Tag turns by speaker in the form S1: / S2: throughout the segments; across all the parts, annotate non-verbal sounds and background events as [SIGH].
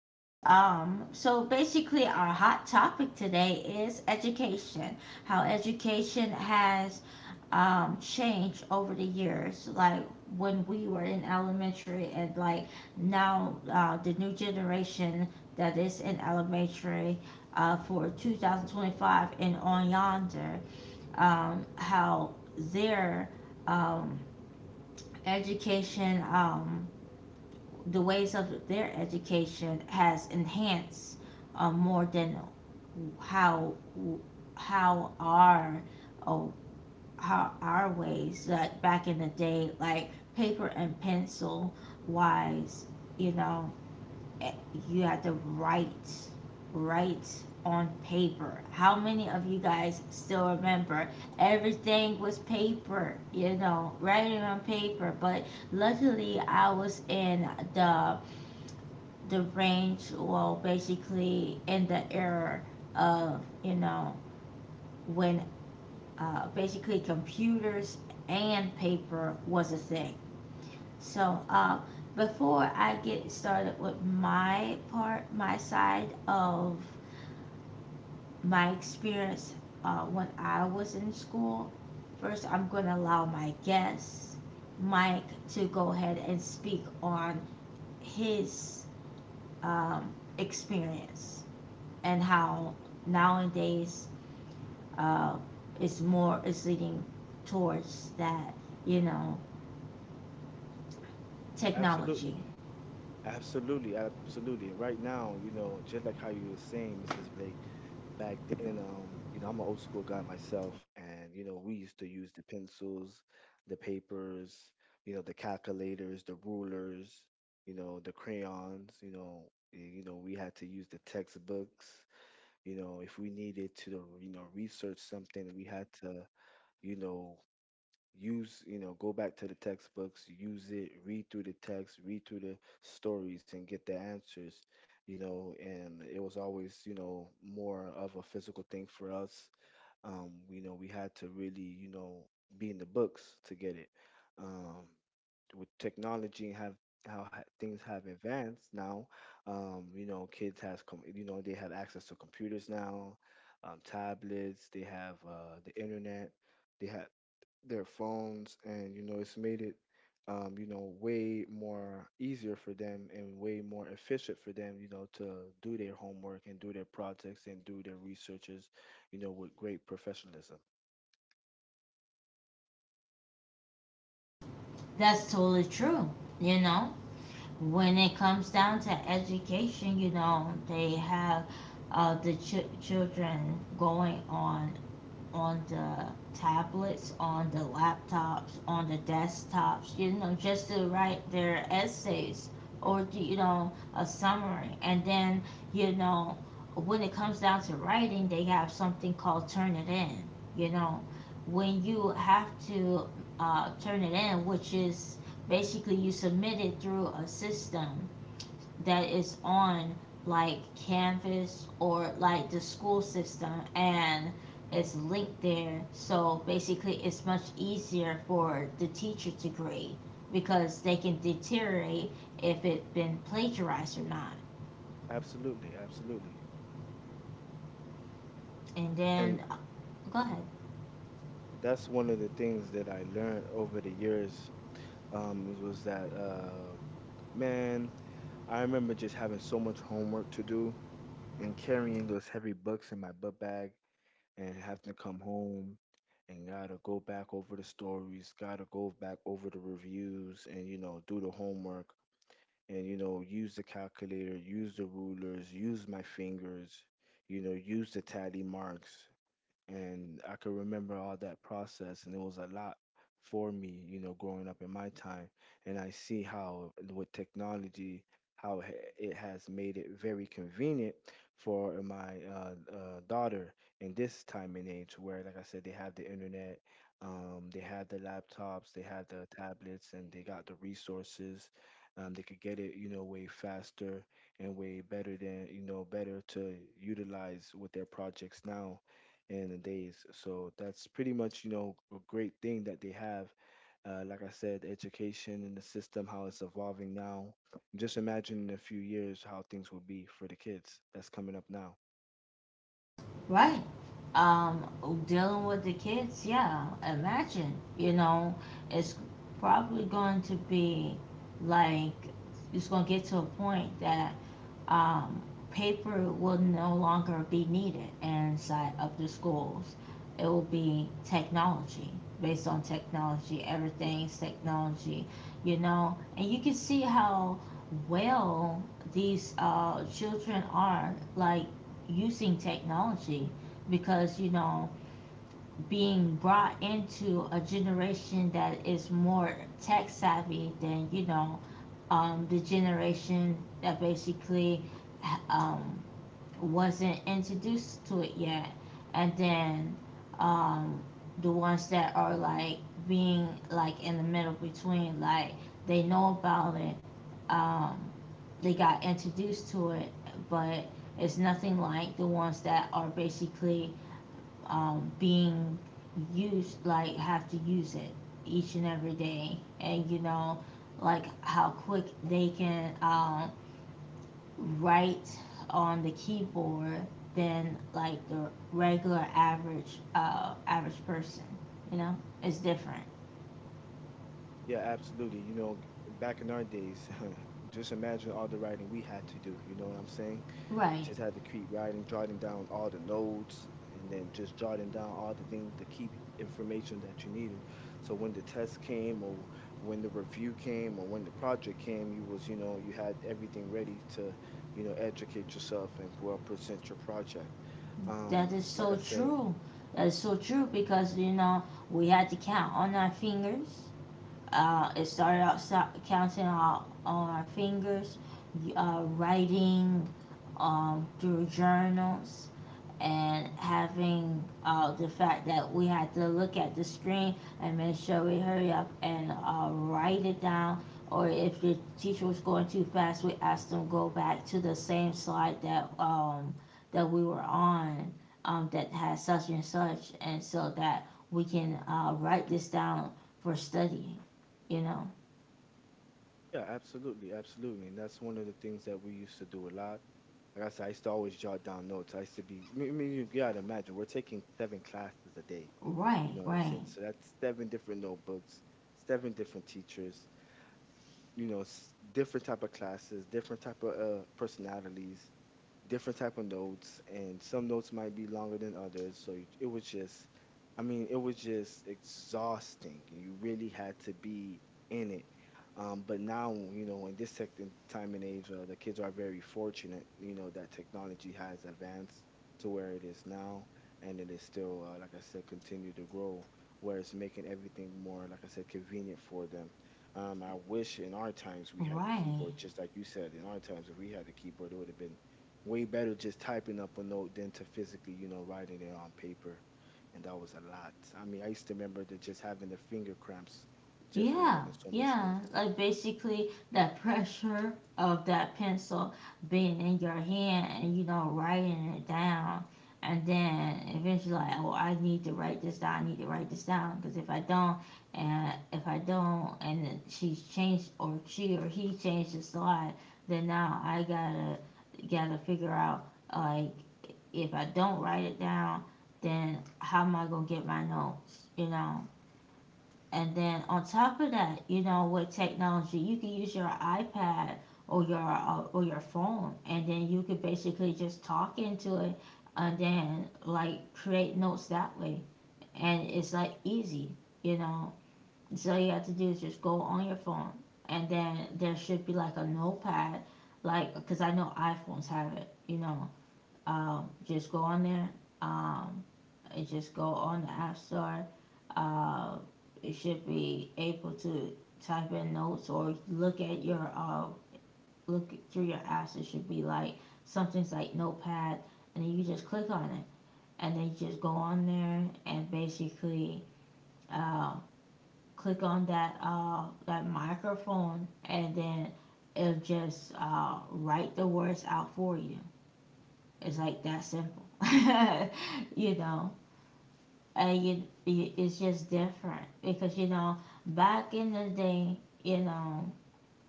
S1: Yes, so basically, our hot topic today is education, how education has changed over the years, like when we were in elementary, and like now the new generation that is in elementary for 2025 and on yonder, how their um, education. The ways of their education has enhanced more than how how oh, how our ways like back in the day like paper and pencil wise, you know eh, you had to write on paper. How many of you guys still remember everything was paper, you know, writing on paper? But luckily I was in the the range, will basically in the era of, you know, when basically computers and paper was a thing. So before I get started with my part, my side of my experience when I was in school, first I'm going to allow my guest Mike to go ahead and speak on his um, experience and how nowadays uh, it's more, it's leading towards that, you know, technology.
S2: Absolutely. Absolutely, absolutely. Right now, just like how you were saying, Mrs. Blake, back then, I'm an old school guy myself, and we used to use the pencils, the papers, the calculators, the rulers, the crayons, we had to use the textbooks. If we needed to, research something, we had to, you know, use you know go back to the textbooks, use it, read through the text, read through the stories, and get the answers. And it was always, more of a physical thing for us. We had to really, be in the books to get it. um with technology, things have advanced now. Kids they have access to computers now. Tablets, they have the internet, they have their phones, and it's made it, way more easier for them and way more efficient for them, to do their homework and do their projects and do their researches, with great professionalism.
S1: That's totally true. You know, when it comes down to education, you know, they have children going on the tablets, on the laptops, on the desktops, you know, just to write their essays or, you know, a summary. And then, you know, when it comes down to writing, they have something called Turnitin, you know. When you have to turn it in, which is basically you submit it through a system that is on like Canvas or like the school system, and it's linked there. So basically, it's much easier for the teacher to grade because they can deteriorate if it has been plagiarized or not.
S2: Absolutely, absolutely.
S1: And
S2: And
S1: then, go ahead.
S2: that's one of the things that I learned over the years. Was that man, I remember just having so much homework to do, and carrying those heavy books in my butt bag, and having to come home and gotta go back over the stories, gotta go back over the reviews, and do the homework, and use the calculator, use the rulers, use my fingers, use the tally marks. And I could remember all that process, and it was a lot for me, you know, growing up in my time. And I see how with technology, how it has made it very convenient for my daughter in this time and age, where, like I said, they have the internet. They have the laptops, they have the tablets, and they got the resources. They could get it, way faster and way better than, better to utilize with their projects now in the days. So that's pretty much, a great thing that they have. Like I said, education and the system, how it's evolving now. Just imagine in a few years how things will be for the kids that's coming up now.
S1: Right. Um, Dealing with the kids, yeah. Imagine, you know, it's probably going to be like, it's going to get to a point that um, paper will no longer be needed inside of the schools. It will be technology, based on technology. Everything's technology, you know. And you can see how well these children are like using technology because, you know, being brought into a generation that is more tech savvy than, you know, the generation that basically um, wasn't introduced to it yet, and then um, the ones that are like being like in the middle between, like, they know about it, um, they got introduced to it, but it's nothing like the ones that are basically being used, like have to use it each and every day. And you know, like how quick they can write on the keyboard than like the regular average average person. You know, it's different.
S2: Yeah, absolutely. You know, back in our days, [LAUGHS] just imagine all the writing we had to do. You know what I'm saying?
S1: Right.
S2: Just had to keep writing, jotting down all the notes, and then just jotting down all the things, the key information that you needed. So when the test came, or when the review came, or when the project came, you was, you know, you had everything ready to, educate yourself and well present your project.
S1: That is
S2: Like I
S1: so
S2: said,
S1: true. That is so true because, you know, we had to count on our fingers. It counting all, on our fingers, writing through journals, and having the fact that we had to look at the screen and make sure we hurry up and write it down. Or if the teacher was going too fast, we asked them go back to the same slide that that we were on that had such and such, and so that we can write this down for study. You know,
S2: yeah, absolutely, absolutely, and that's one of the things that we used to do a lot. Like I said, I used to always jot down notes. I used to be, I mean, you gotta imagine, we're taking seven classes a day. You
S1: right,
S2: know what I'm
S1: right,
S2: saying? So that's seven different notebooks, seven different teachers, different type of classes, different type of personalities, different type of notes, and some notes might be longer than others. So it was just, I mean, it was just exhausting, and you really had to be in it. But now, in this tech in time and age, the kids are very fortunate, that technology has advanced to where it is now. And it is still, like I said, continue to grow, where it's making everything more, like I said, convenient for them. I wish in our times we had the
S1: right.
S2: keyboard. Just like you said, in our times, if we had the keyboard, it would have been way better, just typing up a note than to physically, you know, writing it on paper. And that was a lot. I mean, I used to remember that, just having the finger cramps just for
S1: Yeah,
S2: writing so much
S1: yeah.
S2: notes.
S1: Like basically that pressure of that pencil being in your hand and, you know, writing it down, and then eventually like, oh, I need to write this down. I need to write this down because if I don't, and if I don't, and then she's changed or she or he changed the slide, then now I gotta figure out like, if I don't write it down, then how am I gonna get my notes? You know. And then on top of that, you know, with technology, you can use your iPad or your phone, and then you could basically just talk into it, and then like create notes that way, and it's like easy, you know. So all you have to do is just go on your phone, and then there should be like a notepad, like because I know iPhones have it, you know, just go on there. Um, and just go on the App Store. Uh, it should be able to type in notes or look at your look through your apps. It should be like something's like Notepad, and then you just click on it, and then you just go on there and basically uh, click on that that microphone, and then it'll just write the words out for you. It's like that simple, [LAUGHS] you know. And it's just different because, you know, back in the day, you know,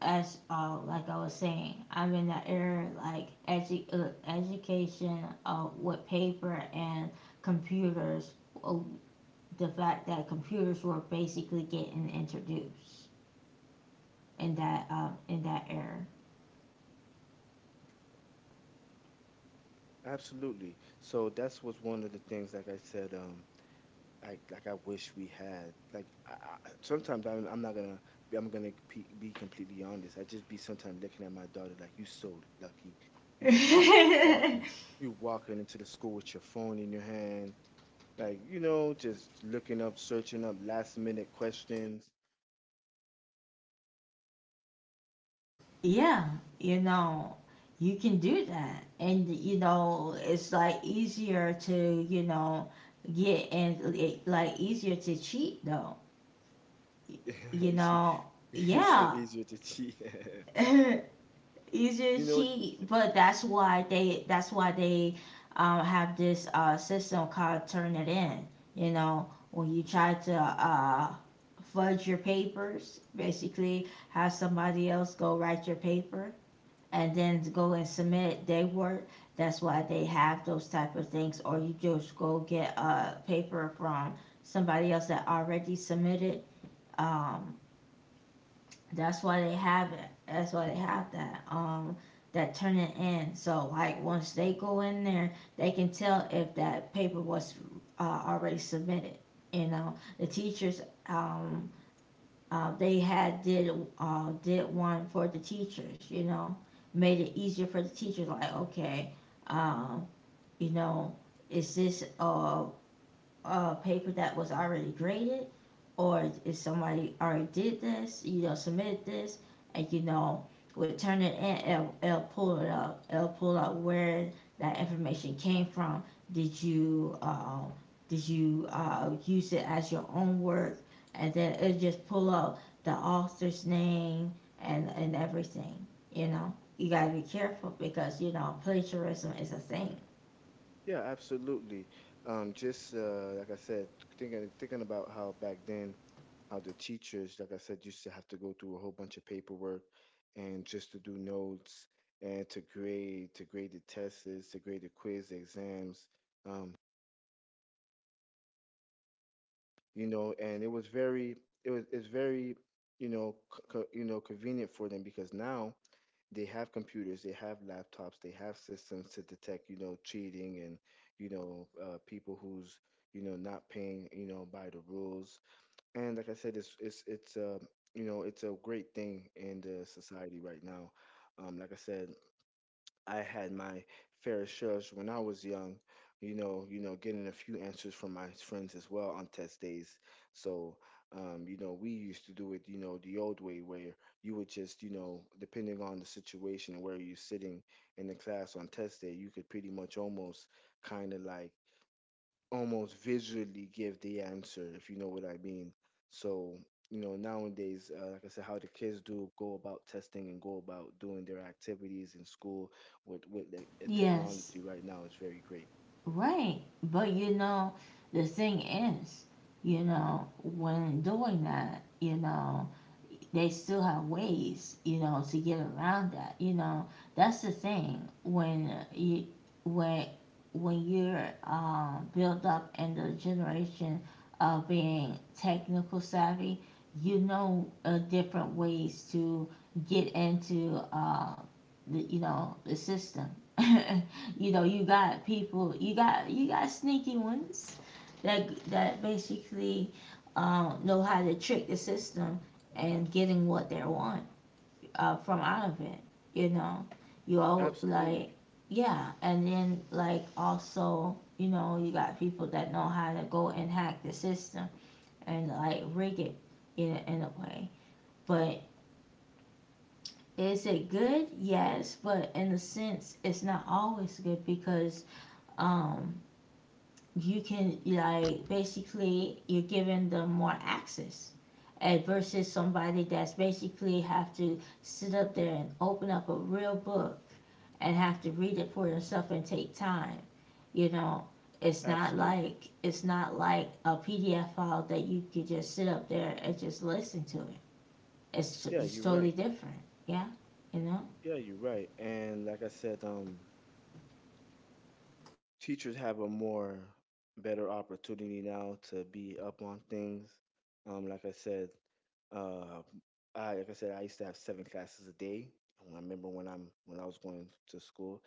S1: as like I was saying, I'm in the era like education with paper and computers. Uh, the fact that computers were basically getting introduced in that, in that
S2: Absolutely. So that's was one of the things, like I said, I like I wish we had. Like sometimes I'm not gonna be, I'm gonna be completely honest. I just be sometimes looking at my daughter like you so lucky. You just walking,
S1: era. [LAUGHS]
S2: you walking into the school with your phone in your hand, like, you know, just looking up, searching up last minute questions.
S1: Yeah, you know, you can do that. And, you know, it's like easier to, you know, get, and it, like easier to cheat though.
S2: [LAUGHS]
S1: You
S2: You see,
S1: know,
S2: [LAUGHS] he said
S1: yeah,
S2: easier to cheat.
S1: [LAUGHS]
S2: [LAUGHS]
S1: easier to
S2: You know,
S1: cheat, but that's why they have this system called Turn It In. You know, when you try to fudge your papers, basically have somebody else go write your paper and then to go and submit their work. That's why they have those type of things, or you just go get a paper from somebody else that already submitted. Um, that's why they have it. That's why they have that that turn it in. So like once they go in there, they can tell if that paper was already submitted, you know. The teachers um they had did one for the teachers, you know, made it easier for the teachers. Like, okay, um, you know, is this paper that was already graded, or if somebody already did this, you know, submitted this, and you know, would turn it in, it'll, it'll pull it up. It'll pull up where that information came from. Did you uh, did you use it as your own work? And then it'll just pull up the author's name and everything. You know, you gotta be careful because, you know, plagiarism is a thing.
S2: yeah, absolutely. Just like I said, thinking about how back then, how the teachers, like I said, used to have to go through a whole bunch of paperwork and just to do notes, and to grade the tests, to grade the quiz exams. Um, you know, and it was very, it's very, convenient for them, because now they have computers, they have laptops, they have systems to detect, cheating, and people who's, not paying, by the rules. And like I said, it's a great thing in the society right now. Like I said, I had my fair shares when I was young, getting a few answers from my friends as well on test days. So, you know, we used to do it, you know, the old way, where you would just, you know, depending on the situation and where you're sitting in the class on test day, you could pretty much almost kind of like almost visually give the answer, if you know what I mean. So, you know, nowadays, like I said, how the kids do go about testing and go about doing their activities in school with the
S1: Yes.
S2: technology right now is very great.
S1: Right. But you know, the thing is, you know, when doing that, you know, they still have ways, you know, to get around that. You know, that's the thing when you when when you're built up in the generation of being technical savvy, you know, different ways to get into the, you know, the system. [LAUGHS] You know, you got people, you got sneaky ones that basically know how to trick the system and getting what they want from out of it. You know, you all like,
S2: Absolutely,
S1: yeah, and then like also, you know, you got people that know how to go and hack the system and like rig it in a way. But is it good? Yes, but in a sense, it's not always good because um, you can, like, basically you're giving them more access and versus somebody that's basically have to sit up there and open up a real book and have to read it for yourself and take time, you know. It's not
S2: absolutely.
S1: like, it's not like a PDF file that you could just sit up there and just listen to it. it's,
S2: Yeah,
S1: it's
S2: you're
S1: totally
S2: right.
S1: different. Yeah, you know.
S2: Yeah, you're right. And like I said, teachers have a more better opportunity now to be up on things. Like I said, uh, I like I said, I used to have seven classes a day. And I remember when I was going to school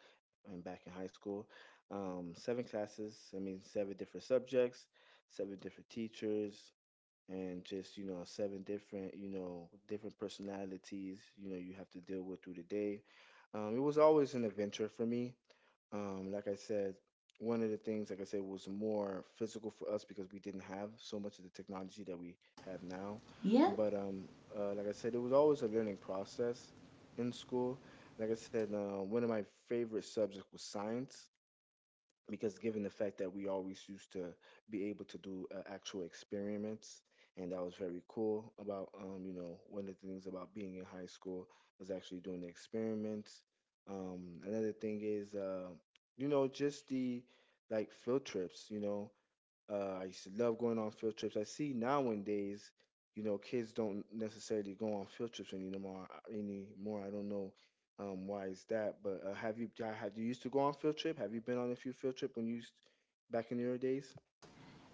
S2: and back in high school. Seven classes. I mean, seven different subjects, seven different teachers, and just, you know, seven different, you know, different personalities. You know, you have to deal with through the day. It was always an adventure for me. Like I said, one of the things, like I said, was more physical for us, because we didn't have so much of the technology that we have now.
S1: Yep.
S2: But like I said, it was always a learning process in school. Like I said, one of my favorite subjects was science, because given the fact that we always used to be able to do actual experiments. And that was very cool about, you know, one of the things about being in high school is actually doing the experiments. Another thing is, you know, just the, like, field trips, you know. I used to love going on field trips. I see nowadays, you know, kids don't necessarily go on field trips anymore. I don't know why is that. But have you used to go on field trip? Have you been on a few field trip when you used back in your days?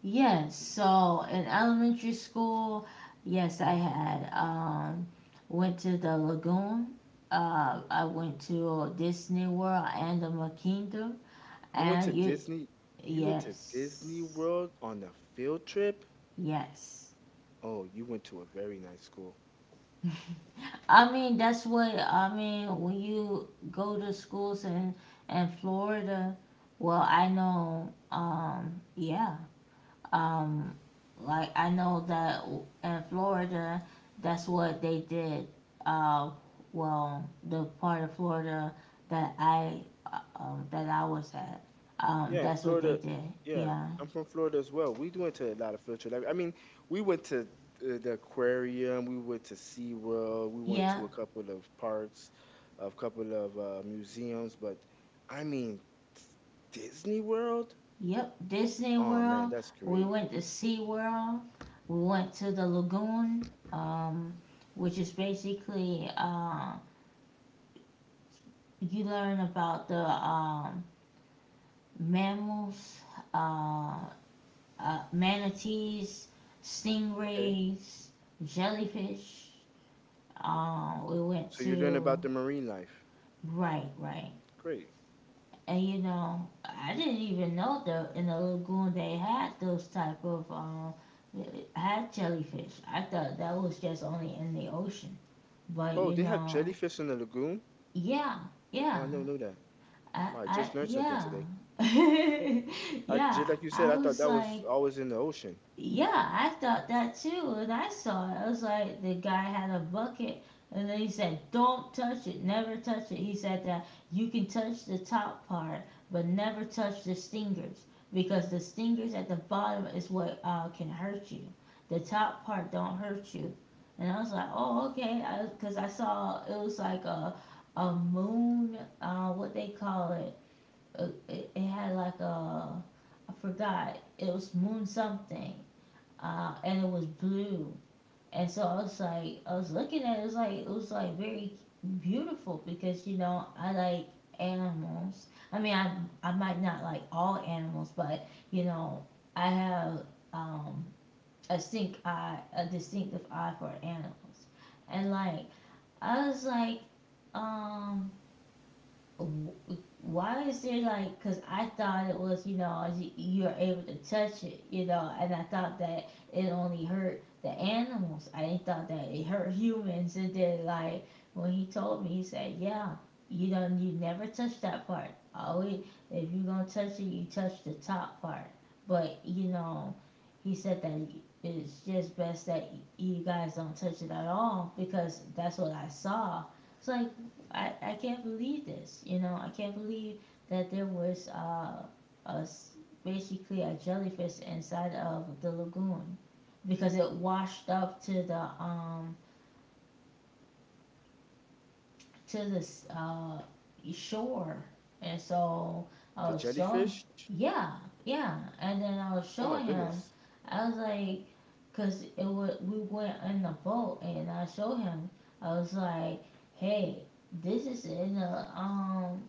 S1: Yes, so in elementary school, yes, I had went to the lagoon. I went to Disney World, and Animal Kingdom,
S2: You went to
S1: and you,
S2: Disney. You went to Disney
S1: yes,
S2: World on a field trip.
S1: yes.
S2: Oh, you went to a very nice school.
S1: I mean, that's what I mean when you go to schools in Florida. Well, I know. Yeah, Um, like I know that in Florida, that's what they did. Uh, well, the part of Florida that I that I was at,
S2: Yeah, in
S1: that's what they
S2: Florida.
S1: did.
S2: Yeah,
S1: Yeah,
S2: I'm from Florida as well. We went to a lot of field trips. I mean, we went to the aquarium, we went to SeaWorld, we went
S1: yeah,
S2: to a couple of parks, a couple of museums, but I mean, Disney World?
S1: yep. Disney
S2: Oh man,
S1: World.
S2: that's
S1: We
S2: great.
S1: went to Sea World. We went to the lagoon, um, which is basically, you learn about the mammals, uh, manatees,
S2: Okay.
S1: stingrays, jellyfish. We went
S2: So you learn
S1: to,
S2: about the marine life.
S1: right, right,
S2: Great.
S1: and you know, I didn't even know that in the lagoon they had those type of had jellyfish. I thought that was just only in the ocean, but
S2: Oh,
S1: you
S2: they have
S1: know,
S2: jellyfish in the lagoon?
S1: yeah,
S2: Oh, I
S1: yeah,
S2: never knew that. Oh, I just learned something
S1: yeah,
S2: today.
S1: [LAUGHS]
S2: I just
S1: yeah.
S2: like you said,
S1: I
S2: I thought
S1: was
S2: that was
S1: like,
S2: always in the ocean.
S1: yeah, I thought that too when I saw it. I was like, the guy had a bucket, and then he said, "Don't touch it, never touch it." He said that you can touch the top part, but never touch the stingers because the stingers at the bottom is what can hurt you. The top part don't hurt you. And I was like, "Oh, okay," 'cause I saw it was like a moon. What they call it? It had like a— I forgot. It was moon something and it was blue. And so I was looking at it, it was like very beautiful because you know I like animals. I mean, I might not like all animals, but you know I have um, a distinctive eye for animals. And like I was like, um, why is there like, because I thought it was, you know, you're able to touch it, you know, and I thought that it only hurt the animals. I didn't thought that it hurt humans. And then like when he told me, he said, yeah, you know, you never touch that part. Always, if you're gonna touch it, you touch the top part. But you know, he said that it's just best that you guys don't touch it at all, because that's what I saw. It's like I can't believe this. You know, I can't believe that there was a basically a jellyfish inside of the lagoon, because it washed up to the uh, shore, and so I
S2: The
S1: was showing,
S2: jellyfish?
S1: yeah, yeah, and then I was
S2: Oh my
S1: showing
S2: goodness.
S1: him. I was like, 'cause it was we went in the boat, and I showed him. I was like, hey, this is in the um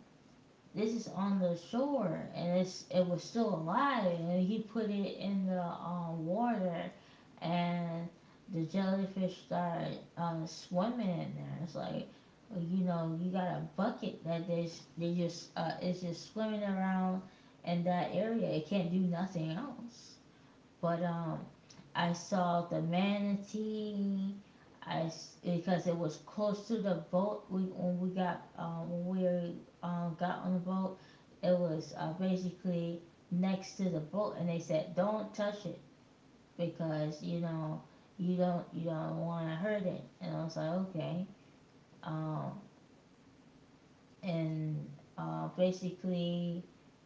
S1: this is on the shore, and it was still alive, and he put it in the water, and the jellyfish started swimming in there. It's like, you know, you got a bucket that they just it's just swimming around in that area. It can't do nothing else. But I saw the manatee. I Because it was close to the boat. We when we got on the boat, it was basically next to the boat, and they said don't touch it because, you know, you don't want to hurt it. And I was like, okay. Um, and basically,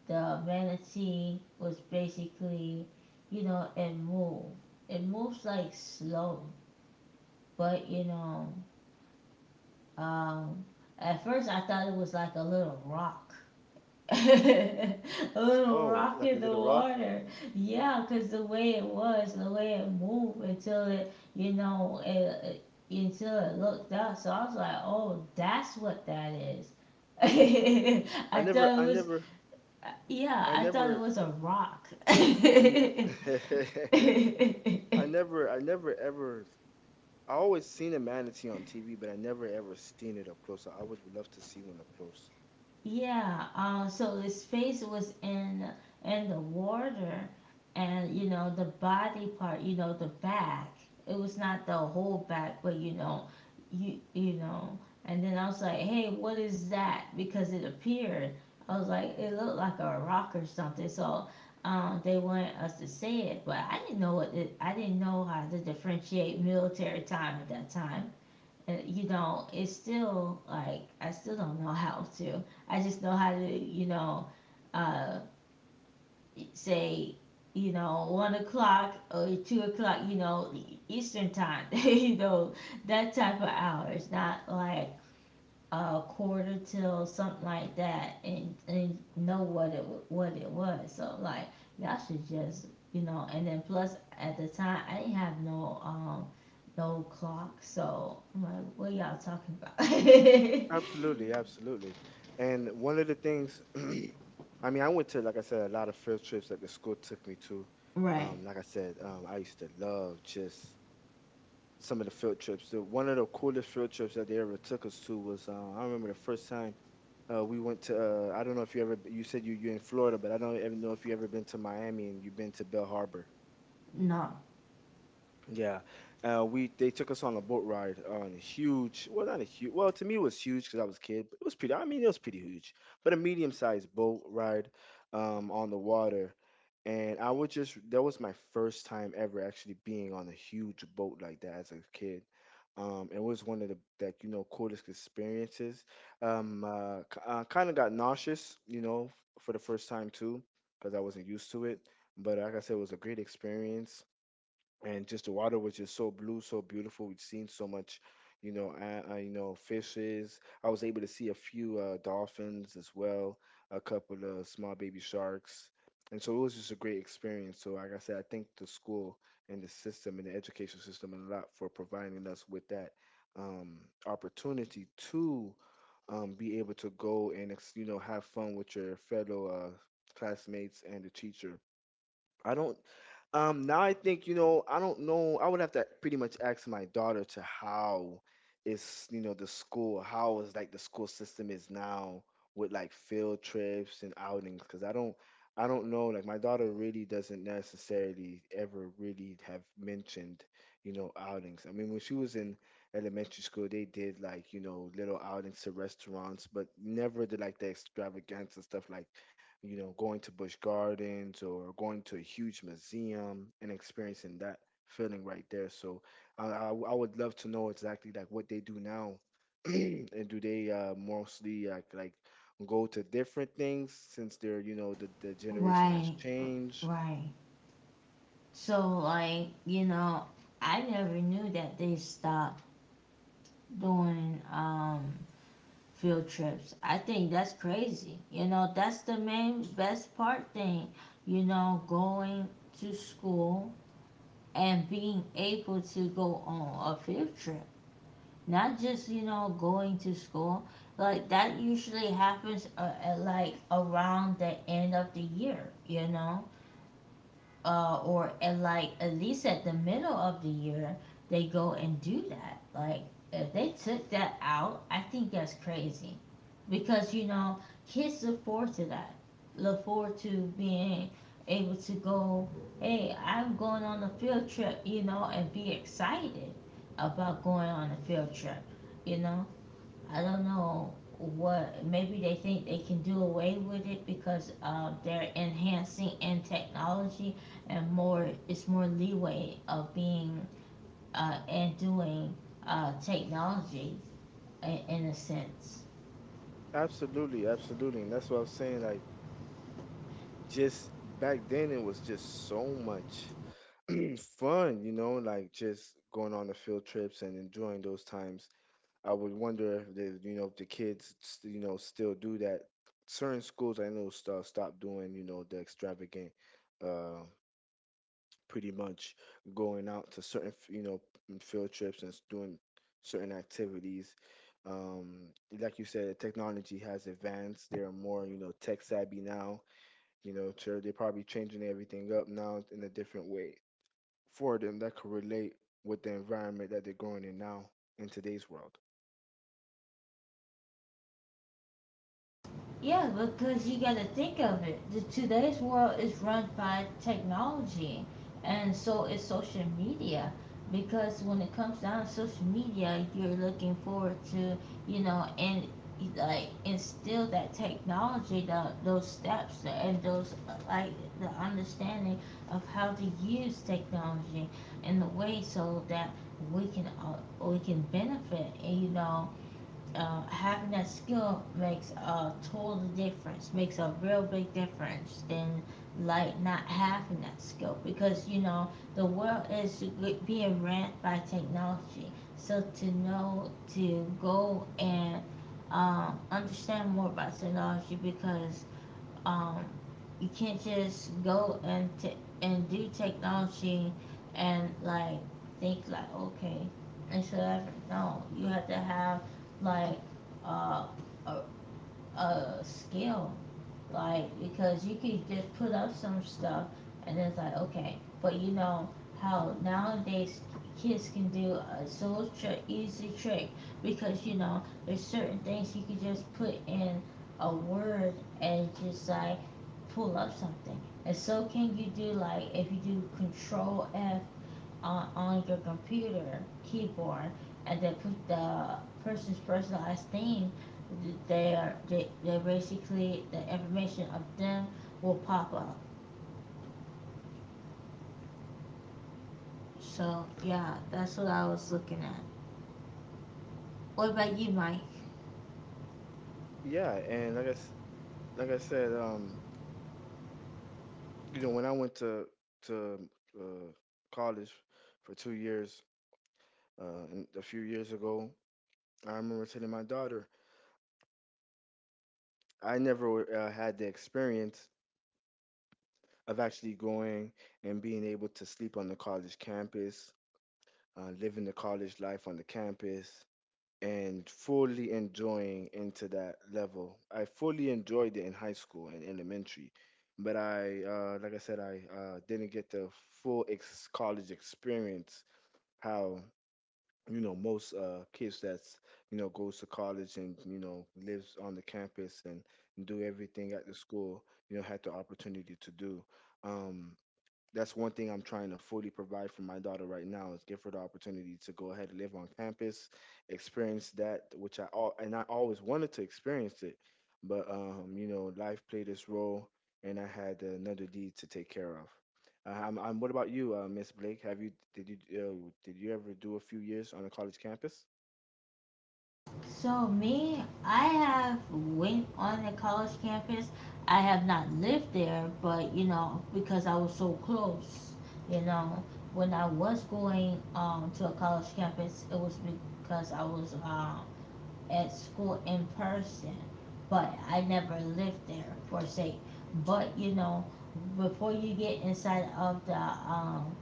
S1: the manatee was, basically, you know, it moved. It moves like slow, but you know, um, at first I thought it was like a little rock. [LAUGHS] A little
S2: Oh,
S1: rock
S2: like a
S1: in the
S2: little rock.
S1: water. Yeah, because the way it was, the way it moved, until it, you know, until it looked up. So I was like, oh, that's what that is. [LAUGHS]
S2: I
S1: I
S2: never,
S1: thought it
S2: I
S1: was
S2: never,
S1: Yeah,
S2: I
S1: I thought it
S2: never,
S1: was a rock.
S2: I, n- [LAUGHS]
S1: [LAUGHS]
S2: I never ever. I always seen a manatee on TV, but I never ever seen it up close. I would love to see one up close.
S1: Yeah, so his face was in the water, and you know the body part, you know, the back. It was not the whole back, but you know, you know. And then I was like, "Hey, what is that?" Because it appeared. I was like, "It looked like a rock or something." So they wanted us to say it, but I didn't know what it, I didn't know how to differentiate military time at that time, you know. It's still like I still don't know how to. I just know how to, you know, uh, say, you know, 1 o'clock or 2 o'clock, you know, Eastern time, [LAUGHS] you know, that type of hours, not like a quarter till something like that, and know what it was. So like, y'all should just, you know. And then plus at the time I didn't have no no clock, so I'm like, what y'all talking about?
S2: Absolutely, absolutely. And one of the things, [CLEARS THROAT] I mean, I went to, like I said, a lot of field trips that the school took me to.
S1: [LAUGHS] Right.
S2: Like I said, I used to love just some of the field trips. The, one of the coolest field trips that they ever took us to was I remember the first time we went to I don't know if you said you're in Florida, but I don't even know if you ever been to Miami and you've been to Bell Harbor.
S1: No.
S2: Yeah, we they took us on a boat ride on a huge, well not a huge, well to me it was huge because I was a kid, but it was pretty. I mean it was pretty huge, but a medium sized boat ride on the water, and I would just that was my first time ever actually being on a huge boat like that as a kid. It was one of the like you know coolest experiences. K- kind of got nauseous, you know, for the first time too, because I wasn't used to it. But like I said, it was a great experience and just the water was just so blue, so beautiful. We'd seen so much, you know, fishes. I was able to see a few dolphins as well, a couple of small baby sharks, and so it was just a great experience. So, like I said, I thank the school and the system and the education system a lot for providing us with that um, opportunity to be able to you know have fun with your fellow classmates and the teacher. I don't now I think, you know, I don't know. I would have to pretty much ask my daughter to how is, you know, the school, how is like the school system is now with like field trips and outings, because I don't know. Like my daughter really doesn't necessarily ever really have mentioned, you know, outings. I mean, when she was in elementary school, they did like, you know, little outings to restaurants, but never did like the extravaganza stuff like you know, going to Busch Gardens or going to a huge museum and experiencing that feeling right there. So I would love to know exactly like what they do now. [CLEARS THROAT] And do they mostly like go to different things since they're, you know, the generation has
S1: Right.
S2: changed?
S1: Right. So like, you know, I never knew that they stopped doing field trips. I think that's crazy. You know, that's the main best part thing. You know, going to school and being able to go on a field trip. Not just, you know, going to school. Like that usually happens at like around the end of the year, you know? Or at like at least at the middle of the year, they go and do that. Like if they took that out, I think that's crazy, because you know, kids look forward to that, look forward to being able to go, hey, I'm going on a field trip, you know, and be excited about going on a field trip, you know. I don't know what, maybe they think they can do away with it because they're enhancing in technology, and more, it's more leeway of being and doing technology, in a sense.
S2: Absolutely, absolutely. And that's what I was saying. Like, just back then, it was just so much [CLEARS THROAT] fun, you know, like just going on the field trips and enjoying those times. I would wonder if the you know if the kids you know still do that. Certain schools I know stop doing you know the extravagant, uh, pretty much going out to certain you know field trips and doing certain activities. Um, like you said, technology has advanced. They're more you know tech savvy now. You know, so they're probably changing everything up now in a different way for them that could relate with the environment that they're growing in now in today's world.
S1: Yeah, because you got to think of it. Today's world is run by technology, and so is social media. Because when it comes down to social media, you're looking forward to, you know, and like instill that technology, those steps, and those like the understanding of how to use technology in the way so that we can benefit, and, you know, having that skill makes a total difference, makes a real big difference than like not having that skill, because you know, the world is being ran by technology. So to know to go and understand more about technology, because um, you can't just go and do technology and like think like, okay and whatever. No, you have to have like uh, a, a skill, like, because you could just put up some stuff and it's like, okay, but you know how nowadays kids can do a so trick easy trick, because you know, there's certain things you can just put in a word and just like pull up something. And so can you do, like if you do Control F on your computer keyboard and then put the person's personalized thing, they basically, the information of them will pop up. So yeah, that's what I was looking at. What about you, Mike?
S2: Yeah, and like I said, you know, when I went to uh, college for 2 years, and a few years ago, I remember telling my daughter, I never had the experience of actually going and being able to sleep on the college campus, living the college life on the campus, and fully enjoying into that level. I fully enjoyed it in high school and elementary, but like I said, I didn't get the college experience. How you know most kids that's you know goes to college and you know lives on the campus and do everything at the school you know had the opportunity to do. Um, that's one thing I'm trying to fully provide for my daughter right now is give her the opportunity to go ahead and live on campus, experience that which I all and I always wanted to experience it, but you know life played its role and I had another deed to take care of. I'm, what about you, Miss Blake? Have you did you did you ever do a few years on a college campus?
S1: So me, I have went on a college campus. I have not lived there, but you know, because I was so close, you know. When I was going to a college campus, it was because I was at school in person, but I never lived there per se. But you know, before you get inside of the um,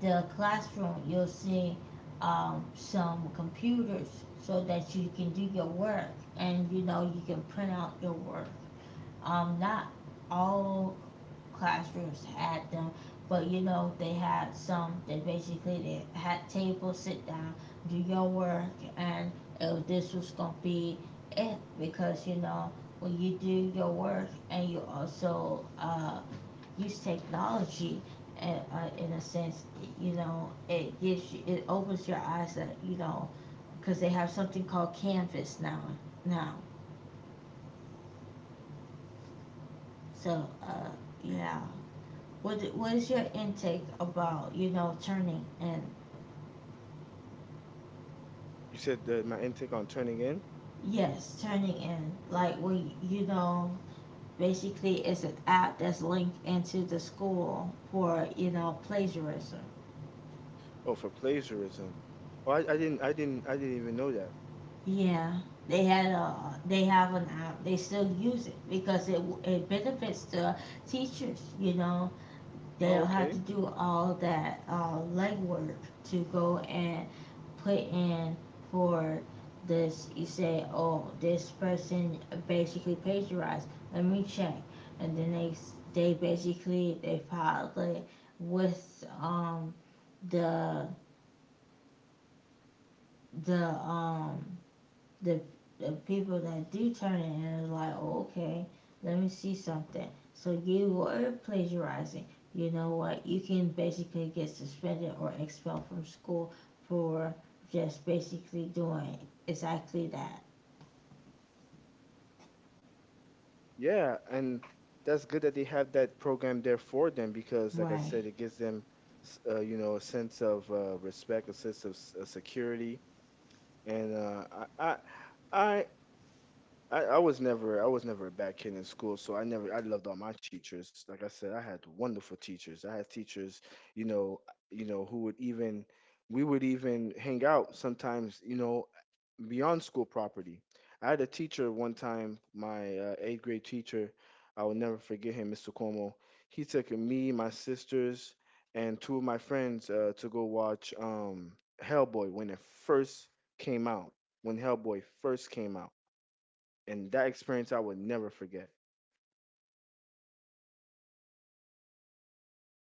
S1: the classroom, you'll see some computers so that you can do your work, and you know, you can print out your work. Not all classrooms had them, but you know, they had some that basically they had tables, sit down, do your work, and this was gonna be it. Because you know, when you do your work and you also use technology, and in a sense, you know, it opens your eyes that, you know, because they have something called Canvas now. So yeah, what is your intake about, you know, turning in?
S2: You said that my intake on turning in.
S1: Yes, turning in, like when you know, basically it's an app that's linked into the school for, you know, plagiarism.
S2: Oh, for plagiarism. Oh, I didn't even know that.
S1: Yeah, they had a they have an app. They still use it because it benefits the teachers. You know, they
S2: Oh,
S1: don't have to
S2: okay.
S1: do all that legwork to go and put in for this. You say, oh, this person basically plagiarized. Let me check, and then they s- they basically they filed it with the the um the the people that do turn it in, are like, oh, okay, let me see something. So you were plagiarizing. You know what? You can basically get suspended or expelled from school for just basically doing exactly that.
S2: Yeah, and that's good that they have that program there for them because, like I
S1: Right.
S2: said, it gives them, you know, a sense of respect, a sense of security, and I, I, I was never a bad kid in school, so I never I loved all my teachers. Like I said, I had wonderful teachers. I had teachers, you know, you know, who would even we would even hang out sometimes, you know, beyond school property. I had a teacher one time, my eighth grade teacher. I will never forget him, Mr. Cuomo. He took me, my sisters, and two of my friends to go watch Hellboy when it first came out. When Hellboy first came out and that experience I would never forget.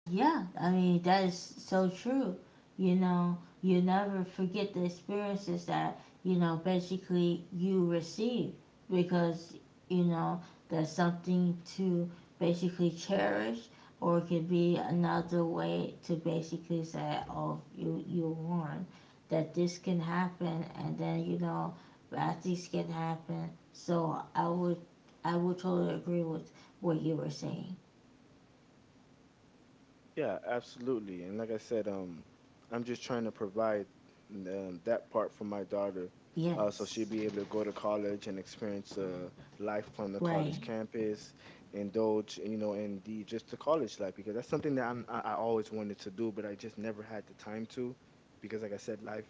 S1: Yeah, I mean, that is so true. You know, you never forget the experiences that, you know, basically you receive, because, you know, that's something to basically cherish, or it could be another way to basically say, oh, you warned that this can happen, and then, you know, bad things can happen. So I would totally agree with what you were saying.
S2: Yeah, absolutely. And like I said, I'm just trying to provide that part for my daughter, so she'll
S1: Yes,
S2: be able to go to college and experience life on the college
S1: right.
S2: campus, indulge, you know, in the just the college life because that's something that I always wanted to do, but I just never had the time to, because like I said, life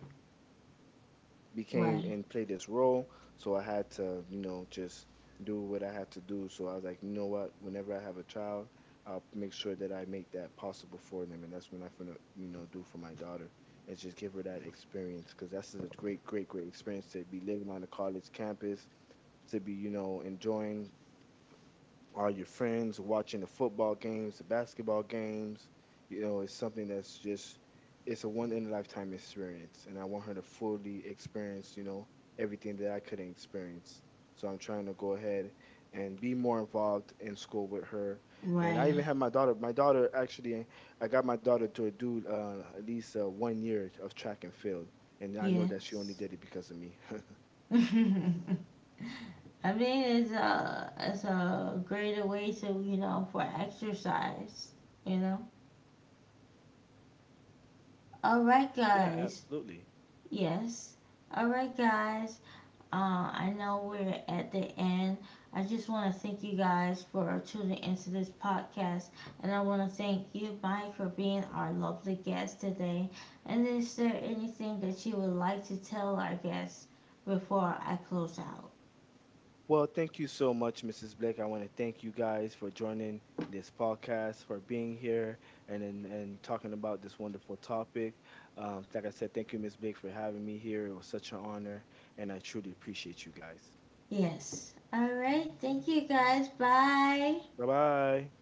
S2: became
S1: Right,
S2: and played this role. So I had to, you know, just do what I had to do. So I was like, you know what? Whenever I have a child, I'll make sure that I make that possible for them. And that's what I'm gonna, you know, do for my daughter is just give her that experience because that's a great, great, great experience to be living on a college campus, to be, you know, enjoying are your friends watching the football games, the basketball games? You know, it's something that's just it's a one in a lifetime experience, and I want her to fully experience, you know, everything that I couldn't experience. So I'm trying to go ahead and be more involved in school with her. And I
S1: right.
S2: even have my daughter. My daughter actually, I got my daughter to do at least one year of track and field, and I know that she only
S1: Yes.
S2: did it because of me. [LAUGHS]
S1: [LAUGHS] I mean, it's a greater way to, you know, for exercise. You know. All right,
S2: Yeah,
S1: guys.
S2: absolutely.
S1: Yes. All right, guys. I know we're at the end. I just want to thank you guys for tuning into this podcast, and I want to thank you, Mike, for being our lovely guest today. And is there anything that you would like to tell our guests before I close out?
S2: Well, thank you so much, Mrs. Blake. I want to thank you guys for joining this podcast, for being here, and talking about this wonderful topic. Like I said, thank you, Miss Blake, for having me here. It was such an honor, and I truly appreciate you guys.
S1: Yes. All right. Thank you guys. Bye.
S2: Bye bye.